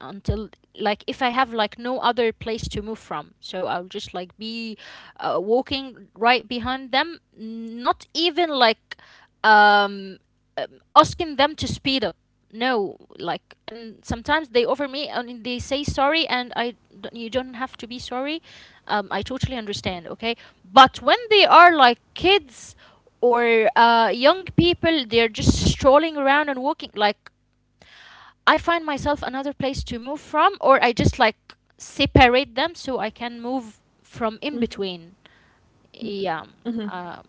B: until, like, if I have like no other place to move from. So I'll just like be, walking right behind them, not even like, um asking them to speed up. No, like, and sometimes they offer me and they say sorry, and you don't have to be sorry. I totally understand, okay? But when they are like kids or, young people, they're just strolling around and walking. Like, I find myself another place to move from, or I just like separate them so I can move from in between. Yeah. Um,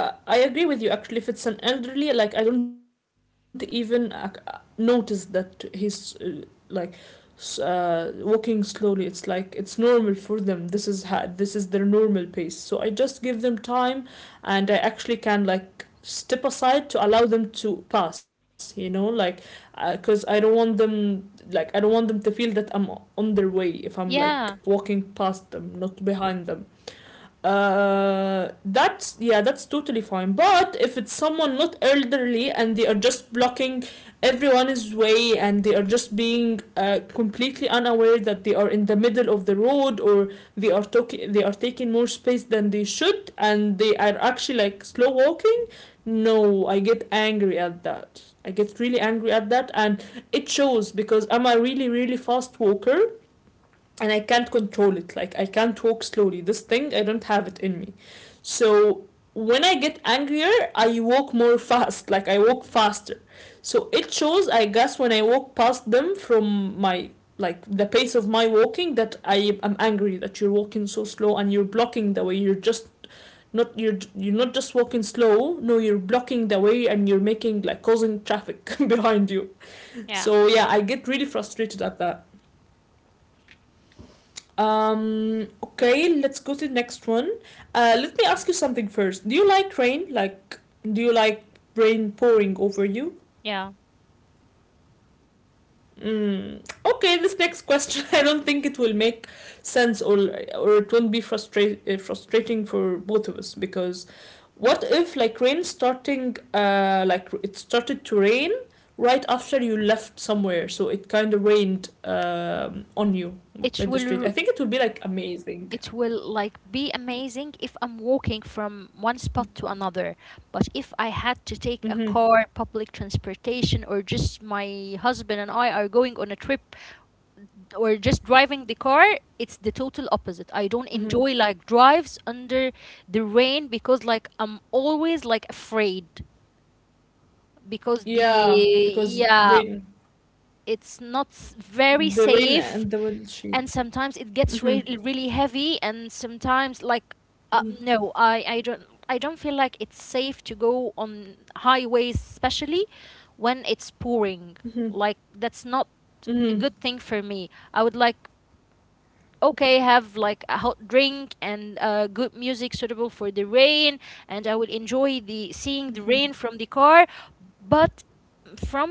A: Well, I agree with you. Actually, if it's an elderly, like I don't even ac notice that he's like walking slowly. It's like it's normal for them. This is their normal pace. So I just give them time, and I actually can like step aside to allow them to pass. You know, like, because I don't want them, like I don't want them to feel that I'm on their way if I'm
B: yeah.
A: like walking past them, not behind them. Uh, that's, yeah, that's totally fine. But if it's someone not elderly and they are just blocking everyone's way, and they are just being completely unaware that they are in the middle of the road, or they are talking, they are taking more space than they should, and they are actually like slow walking, no, I get angry at that. I get really angry at that, and it shows because I'm a really really fast walker, and I can't control it. Like I can't walk slowly. This thing I don't have it in me. So when I get angrier, I walk more fast. Like I walk faster. So it shows, I guess, when I walk past them, from my, like the pace of my walking, that I am angry that you're walking so slow and you're blocking the way. You're just not, you're not just walking slow. No, you're blocking the way, and you're making, like causing traffic behind you.
B: Yeah.
A: So yeah, I get really frustrated at that. Okay, let's go to the next one. Let me ask you something first. Do you like rain? Like, do you like rain pouring over you?
B: Yeah.
A: Mm. Okay, this next question, I don't think it will make sense, or it won't be frustrating for both of us, because what if like rain starting like it started to rain right after you left somewhere, so it kind of rained on you
B: It
A: in the street.
B: will
A: I think it would be like amazing.
B: it will like be amazing if I'm walking from one spot to another. But if I had to take a
A: Mm-hmm.
B: car, public transportation, or just my husband and I are going on a trip or just driving the car, it's the total opposite. I don't
A: Hmm.
B: enjoy like drives under the rain because like I'm always like afraid because the
A: Yeah, because
B: yeah
A: rain,
B: it's not s- very
A: the rain
B: safe.
A: and the windshield.
B: And sometimes it gets
A: Mm-hmm.
B: really really heavy, and sometimes like uh,
A: Mm-hmm.
B: no i i don't... I don't feel like it's safe to go on highways, especially when it's pouring. Like that's not a
A: Mm-hmm.
B: good thing for me. I would like, okay, have like a hot drink and good music suitable for the rain, and I will enjoy the seeing the
A: Mm-hmm.
B: rain from the car. But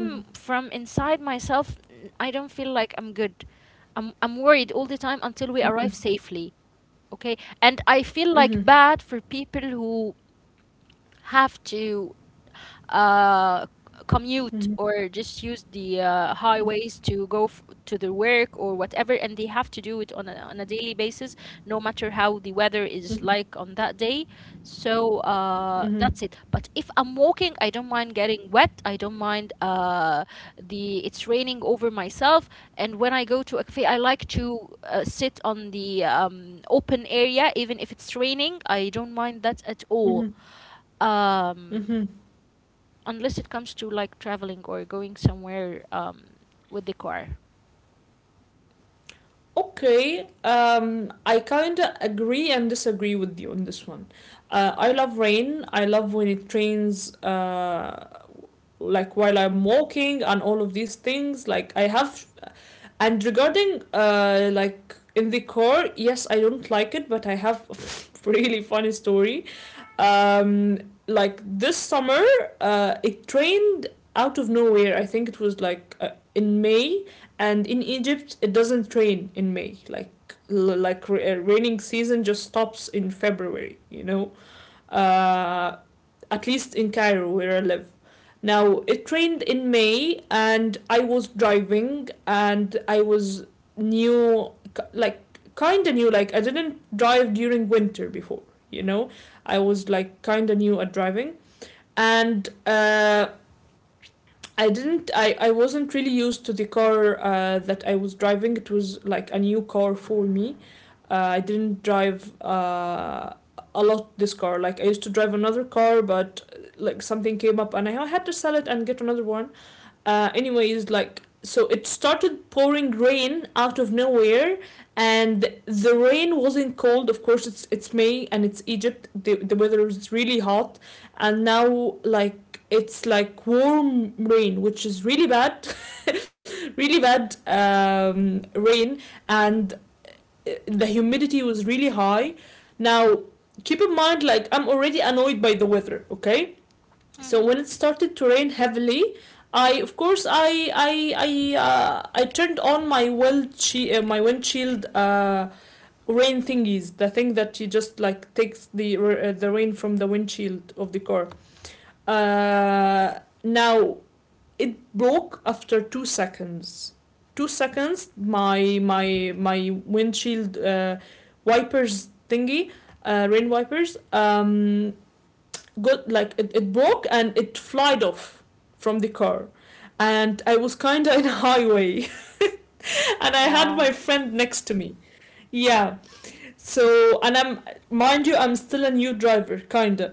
A: Mm-hmm.
B: from inside myself, I don't feel like I'm good. I'm worried all the time until we
A: Mm-hmm.
B: arrive safely. Okay, and I feel like
A: Mm-hmm.
B: bad for people who have to uh, commute
A: Mm-hmm.
B: or just use the highways to go to their work or whatever, and they have to do it on on a daily basis, no matter how the weather is like on that day. So that's it.
A: Mm-hmm.
B: But if I'm walking, I don't mind getting wet. I don't mind the it's raining over myself. And when I go to a cafe, I like to sit on the open area, even if it's raining. I don't mind that at all, um
A: Mm-hmm.
B: unless it comes to like traveling or going somewhere with the car.
A: Okay, I kind of agree and disagree with you on this one. I love rain. I love when it rains, like while I'm walking and all of these things. Like I have. And regarding like in the core, yes, I don't like it, but I have a really funny story. Um, like this summer, it rained out of nowhere. I think it was like in May, and in Egypt it doesn't rain in May. Like raining season just stops in February, you know. Uh, at least in Cairo where I live. Now, it rained in May, and I was driving, and I was new, like, kinda new, like, I didn't drive during winter before, you know? I was, like, kinda new at driving, and, I didn't I wasn't really used to the car that I was driving. It was like a new car for me. I didn't drive a lot this car. Like I used to drive another car, but like something came up and I had to sell it and get another one. Uh, anyways, like so it started pouring rain out of nowhere, and the rain wasn't cold, of course. It's May and it's Egypt. The weather is really hot, and now like it's like warm rain, which is really bad, really bad rain. And the humidity was really high. Now, keep in mind, like I'm already annoyed by the weather, okay?
B: Hmm.
A: So when it started to rain heavily, I, of course, I turned on my wind she my windshield rain thingies, the thing that you just like takes the rain from the windshield of the car. Uh, now it broke after 2 seconds. 2 seconds, my windshield wipers thingy, rain wipers, got like, it broke and it flied off from the car. And I was kind of in a highway. And I had my
B: Wow.
A: friend next to me. Yeah. So, and I'm, mind you, I'm still a new driver, kind of.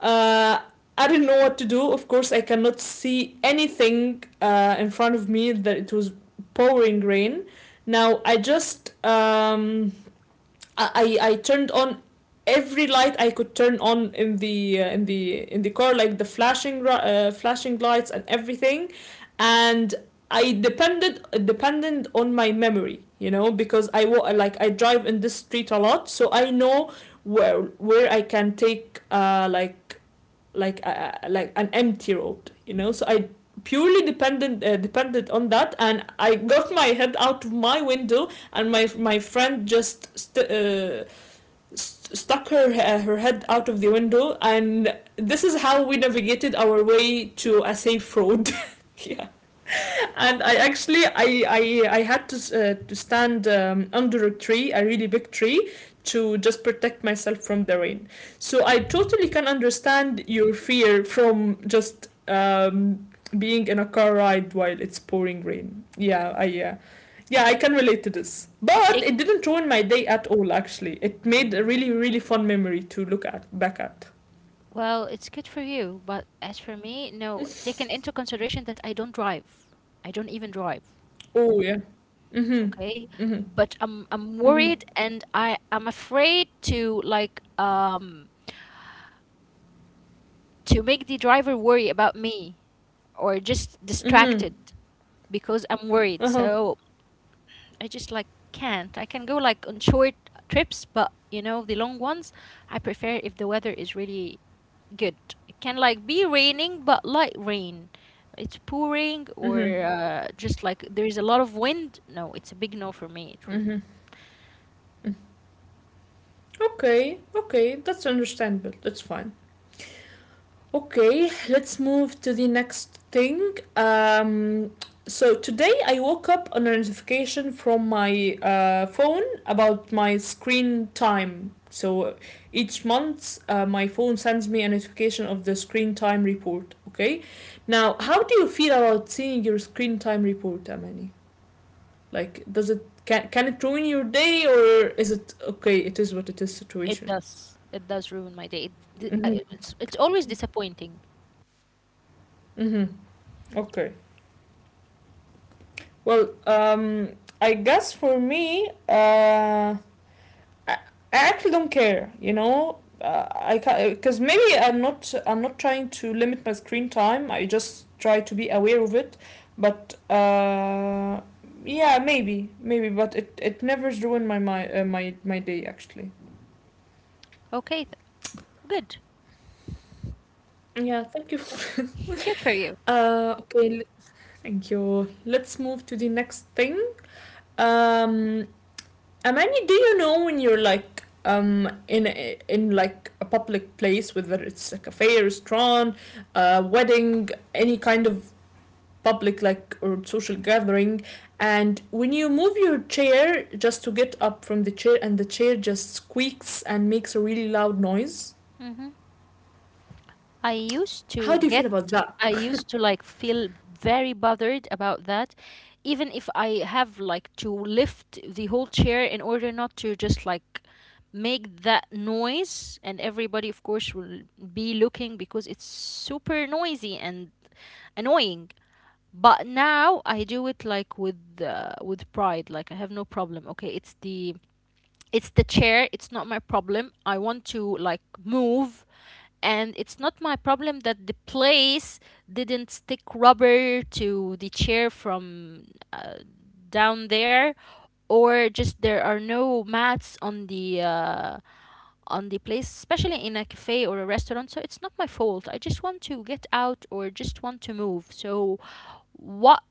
A: Uh, I didn't know what to do. Of course, I cannot see anything in front of me. That it was pouring rain. Now, I just I turned on every light I could turn on in the in the car, like the flashing flashing lights and everything. And I depended dependent on my memory, you know, because like I drive in this street a lot, so I know where I can take like an empty road, you know. So I purely dependent on that, and I got my head out of my window, and my friend just stuck her her head out of the window, and this is how we navigated our way to a safe road. Yeah. And I actually, I had to stand under a tree, a really big tree, to just protect myself from the rain. So I totally can understand your fear from just being in a car ride while it's pouring rain. Yeah, I, yeah, yeah, I can relate to this. But
B: Take...
A: it didn't ruin my day at all actually. It made a really really fun memory to look at back at.
B: well, it's good for you, but as for me, no, taken into consideration that I don't drive. I don't even drive.
A: Oh yeah. Mhm.
B: Okay,
A: Mhm.
B: but I'm
A: Mhm.
B: worried and I'm afraid to like to make the driver worry about me or just
A: Mhm.
B: distracted because I'm worried.
A: Uh-huh.
B: So I just like can't. I can go like on short trips, but you know, the long ones, I prefer if the weather is really good. It can like be raining, but light rain. It's pouring
A: Mm-hmm.
B: or just like there is a lot of wind. No, it's a big no for me. It would...
A: Mm-hmm. Okay, okay, that's understandable. That's fine. Okay, let's move to the next thing. Um, so today I woke up on a notification from my phone about my screen time. So each month, my phone sends me a notification of the screen time report. Okay, now how do you feel about seeing your screen time report, Amani? Like, does it, can it ruin your day, or is it okay? It is what it is situation.
B: it does ruin my day. It,
A: Mm-hmm.
B: it's always disappointing.
A: Mm-hmm. Okay. Well, I guess for me, I actually don't care. You know, I can because maybe I'm not trying to limit my screen time. I just try to be aware of it, but yeah, maybe, but it never ruined my day actually.
B: Okay, th-... good.
A: Yeah, thank you.
B: Good for you.
A: Uh, okay, Thank you. Let's move to the next thing. Um, Amani, do you know when you're like in like a public place, whether it's a cafe, a restaurant, a wedding, any kind of public like or social gathering, and when you move your chair just to get up from the chair, and the chair just squeaks and makes a really loud noise.
B: Mhm. I used
A: How
B: to
A: do you
B: get...
A: feel about that?
B: I used to like feel very bothered about that, even if I have like to lift the whole chair in order not to just like make that noise. And everybody, of course, will be looking because it's super noisy and annoying. But now I do it like with pride. Like I have no problem. Okay, it's the... it's the chair. It's not my problem. I want to like move, and it's not my problem that the place didn't stick rubber to the chair from uh, down there, or just there are no mats on the place, especially in a cafe or a restaurant. So it's not my fault. I just want to get out or just want to move. So what...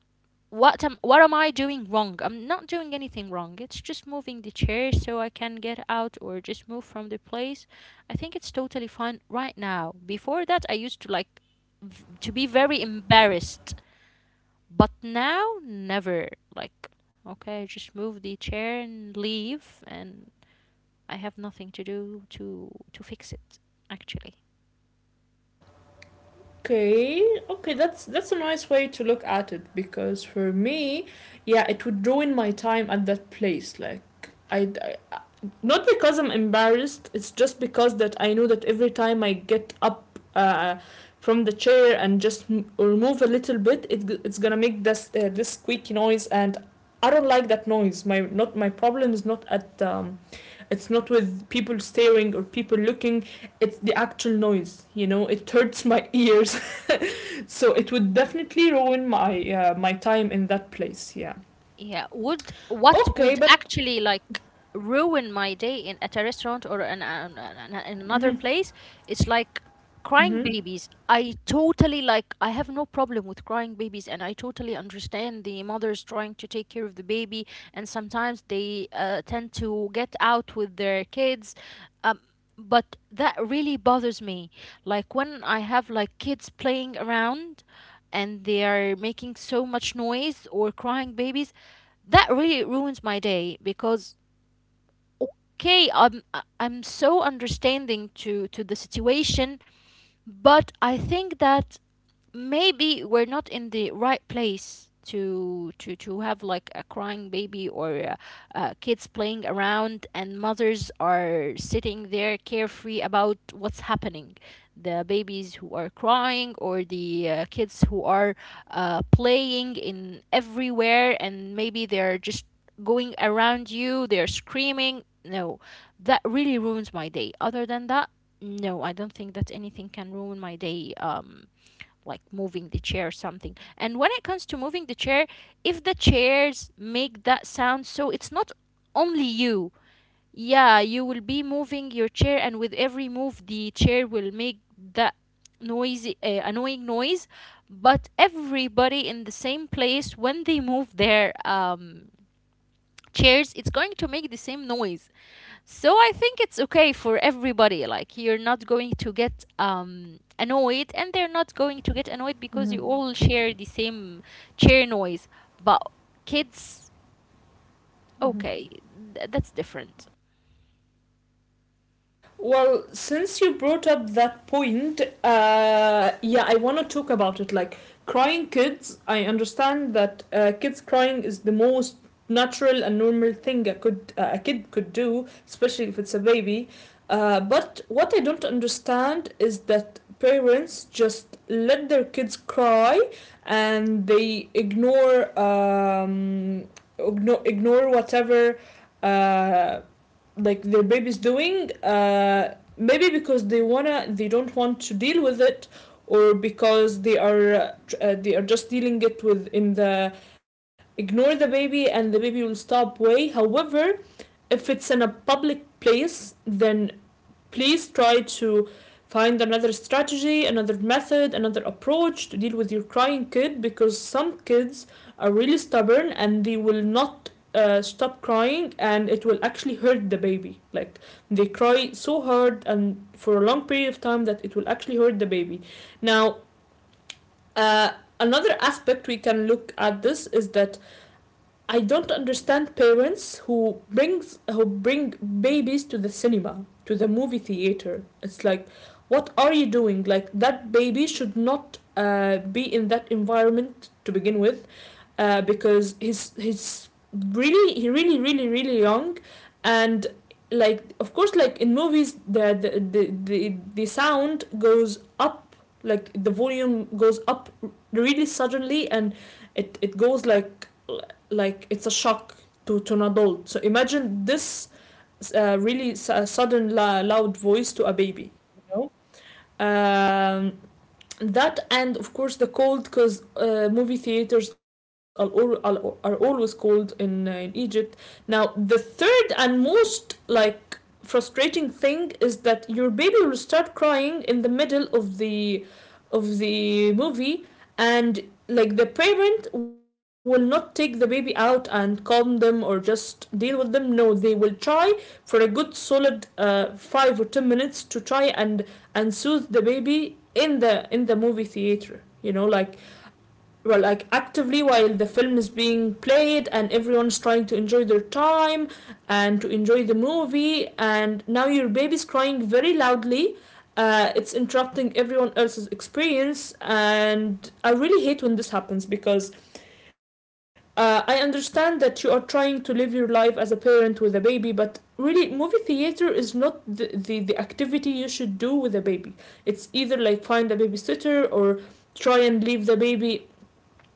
B: what am I doing wrong? I'm not doing anything wrong. It's just moving the chair so I can get out or just move from the place. I think it's totally fine right now. Before that, I used to like to be very embarrassed, but now never. Like, okay, just move the chair and leave. And I have nothing to do to fix it actually.
A: Okay, okay, that's a nice way to look at it because for me, yeah, it would ruin my time at that place. Like I, I- I- not because I'm embarrassed. It's just because that I know that every time I get up from the chair and just m- or move a little bit, it's gonna make this squeaky noise, and I don't like that noise. My problem is not at it's not with people staring or people looking. It's the actual noise. You know, it hurts my ears. So it would definitely ruin my time in that place. Yeah.
B: Yeah, would... what
A: Okay,
B: would
A: but
B: actually like ruin my day in... at a restaurant or in, in another place? It's like crying
A: mhm.
B: babies. I totally like... I have no problem with crying babies, and I totally understand the mothers trying to take care of the baby, and sometimes they tend to get out with their kids. Um, but that really bothers me. Like when I have like kids playing around and they are making so much noise, or crying babies, that really ruins my day. Because okay, I'm so understanding to the situation, but I think that maybe we're not in the right place to have like a crying baby, or kids playing around and mothers are sitting there carefree about what's happening: the babies who are crying, or the kids who are playing in everywhere, and maybe they're just going around you, they're screaming. No, that really ruins my day. Other than that, no, I don't think that anything can ruin my day, like moving the chair or something. And when it comes to moving the chair, if the chairs make that sound, so it's not only you. Yeah, you will be moving your chair, and with every move, the chair will make that noisy, annoying noise. But everybody in the same place, when they move their chairs, it's going to make the same noise. So I think it's okay for everybody. Like you're not going to get annoyed and they're not going to get annoyed because you all share the same chair noise. But kids, okay, th-... that's different.
A: Well, since you brought up that point, yeah, I want to talk about it. Like crying kids, I understand that kids crying is the most natural and normal thing a kid could do, especially if it's a baby. But what I don't understand is that parents just let their kids cry and they ignore ignore whatever uh, like their baby's doing maybe because they don't want to deal with it or because they are just dealing it with in the ignore the baby and the baby will stop way however if it's in a public place then please try to find another strategy, another method, another approach to deal with your crying kid because some kids are really stubborn and they will not stop crying and it will actually hurt the baby. Like they cry so hard and for a long period of time that it will actually hurt the baby. Now, uh, another aspect we can look at this is that I don't understand parents who brings who bring babies to the cinema, to the movie theater. It's like, what are you doing? Like that baby should not be in that environment to begin with because he really really really young, and like of course like in movies the sound goes up like the volume goes up really suddenly and it goes like it's a shock to an adult. So imagine this really sudden loud voice to a baby. You know? That and of course the cold because movie theaters are, all are always cold in Egypt. Now the third and most like frustrating thing is that your baby will start crying in the middle of the movie and like the parent will not take the baby out and calm them or just deal with them. No, they will try for a good solid 5 or 10 minutes to try and soothe the baby in the movie theater, you know, like well, like actively while the film is being played and everyone's trying to enjoy their time and to enjoy the movie, and now your baby's crying very loudly. It's interrupting everyone else's experience, and I really hate when this happens because I understand that you are trying to live your life as a parent with a baby, but really movie theater is not the activity you should do with a baby. It's either like find a babysitter or try and leave the baby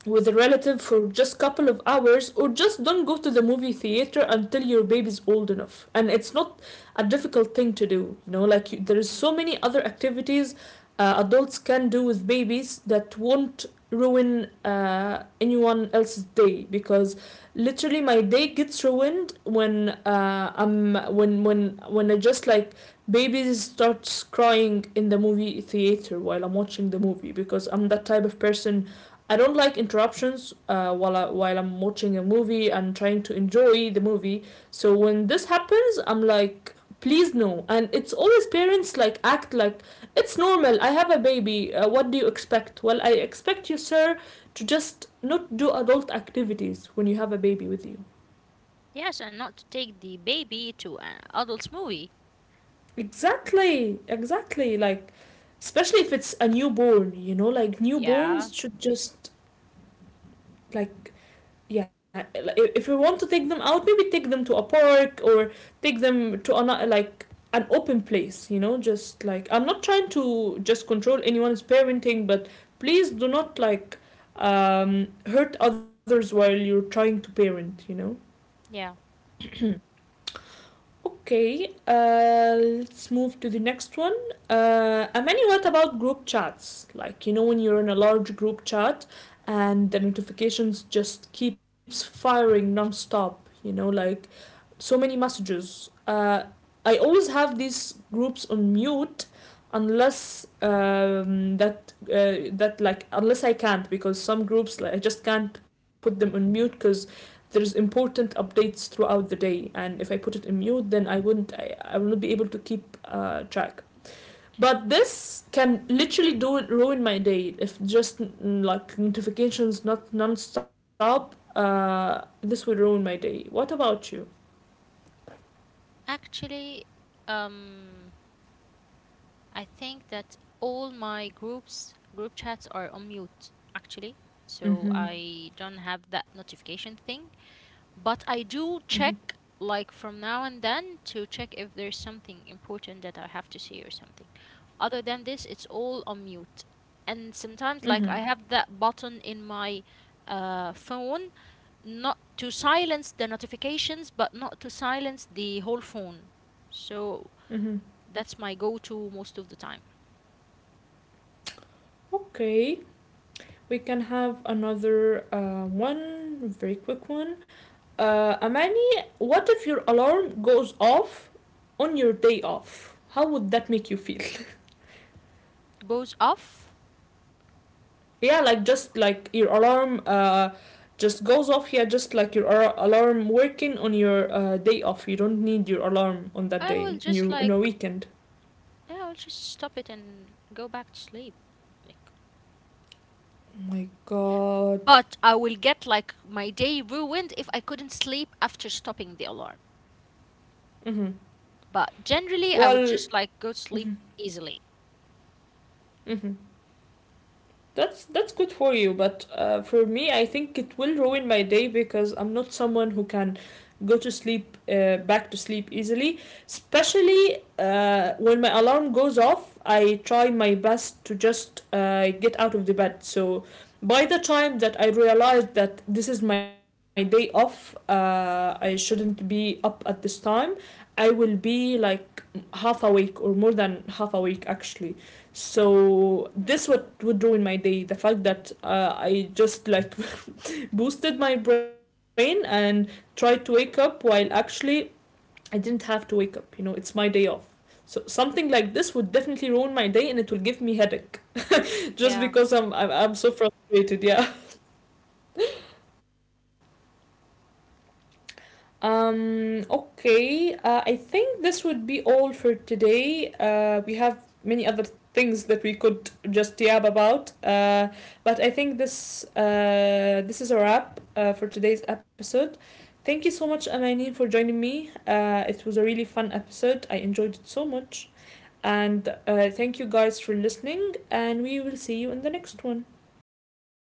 A: with a relative for just a couple of hours, or just don't go to the movie theater until your baby's old enough. And it's not a difficult thing to do. You know, there is so many other activities adults can do with babies that won't ruin anyone else's day because literally my day gets ruined when I'm when I just like babies starts crying in the movie theater while I'm watching the movie because I'm that type of person. I don't like interruptions while I'm watching a movie and trying to enjoy the movie. So when this happens, I'm like, please no. And it's always parents like act like it's normal. I have a baby. What do you expect? Well, I expect you, sir, to just not do adult activities when you have a baby with you.
B: Yes, and not to take the baby to an adult's movie.
A: Exactly, exactly. Like, especially if it's a newborn, you know, like
B: Yeah.
A: newborns should just like yeah like, if you want to take them out maybe take them to a park or take them to another like an open place, you know, just like I'm not trying to just control anyone's parenting, but please do not like hurt others while you're trying to parent, you know.
B: Yeah.
A: Okay, let's move to the next one. Amani, what about group chats? Like, you know, when you're in a large group chat and the notifications just keeps firing nonstop, you know, like so many messages. I always have these groups on mute unless that that like unless I can't, because some groups like I just can't put them on mute because there's important updates throughout the day, and if I put it in mute then I wouldn't I will not be able to keep track. But this can literally do it ruin my day if just like notifications not non-stop. This would ruin my day. What about you?
B: Actually, um, I think that all my group chats are on mute actually, so
A: Mm-hmm.
B: I don't have that notification thing. But I do
A: Mm-hmm.
B: check like from now and then to check if there's something important that I have to see or something. Other than this, it's all on mute. And sometimes like I
A: Mm-hmm.
B: have that button in my phone, not to silence the notifications but not to silence the whole phone. So
A: Mm-hmm.
B: that's my go-to most of the time.
A: Okay, we can have another one very quick one. Amani, what if your alarm goes off on your day off? How would that make you feel?
B: Goes off...
A: Yeah, like just like your alarm just goes off. Yeah, just like your alarm working on your day off. You don't need your alarm on that
B: I
A: day,
B: will just
A: on a
B: like...
A: weekend.
B: yeah, I'll just stop it and go back to sleep. Like...
A: Oh my god.
B: but I will get like my day ruined if I couldn't sleep after stopping the alarm.
A: Mm-hmm.
B: But generally, I would
A: Well,
B: just like go to sleep easily.
A: mm-hmm. That's good for you, but for me, I think it will ruin my day because I'm not someone who can go to sleep, back to sleep easily. Especially when my alarm goes off, I try my best to just get out of the bed. So by the time that I realized that this is my day off, I shouldn't be up at this time. I will be like half awake or more than half awake actually. So this what would ruin my day. The fact that I just like boosted my brain and tried to wake up while actually I didn't have to wake up. You know, it's my day off. So something like this would definitely ruin my day, and it will give me headache just because I'm so frustrated. Yeah. Okay, I think this would be all for today. We have many other things that we could just yab about, but I think this is a wrap for today's episode. Thank you so much, Amani, for joining me. It was a really fun episode. I enjoyed it so much. And thank you guys for listening, and we will see you in the next one.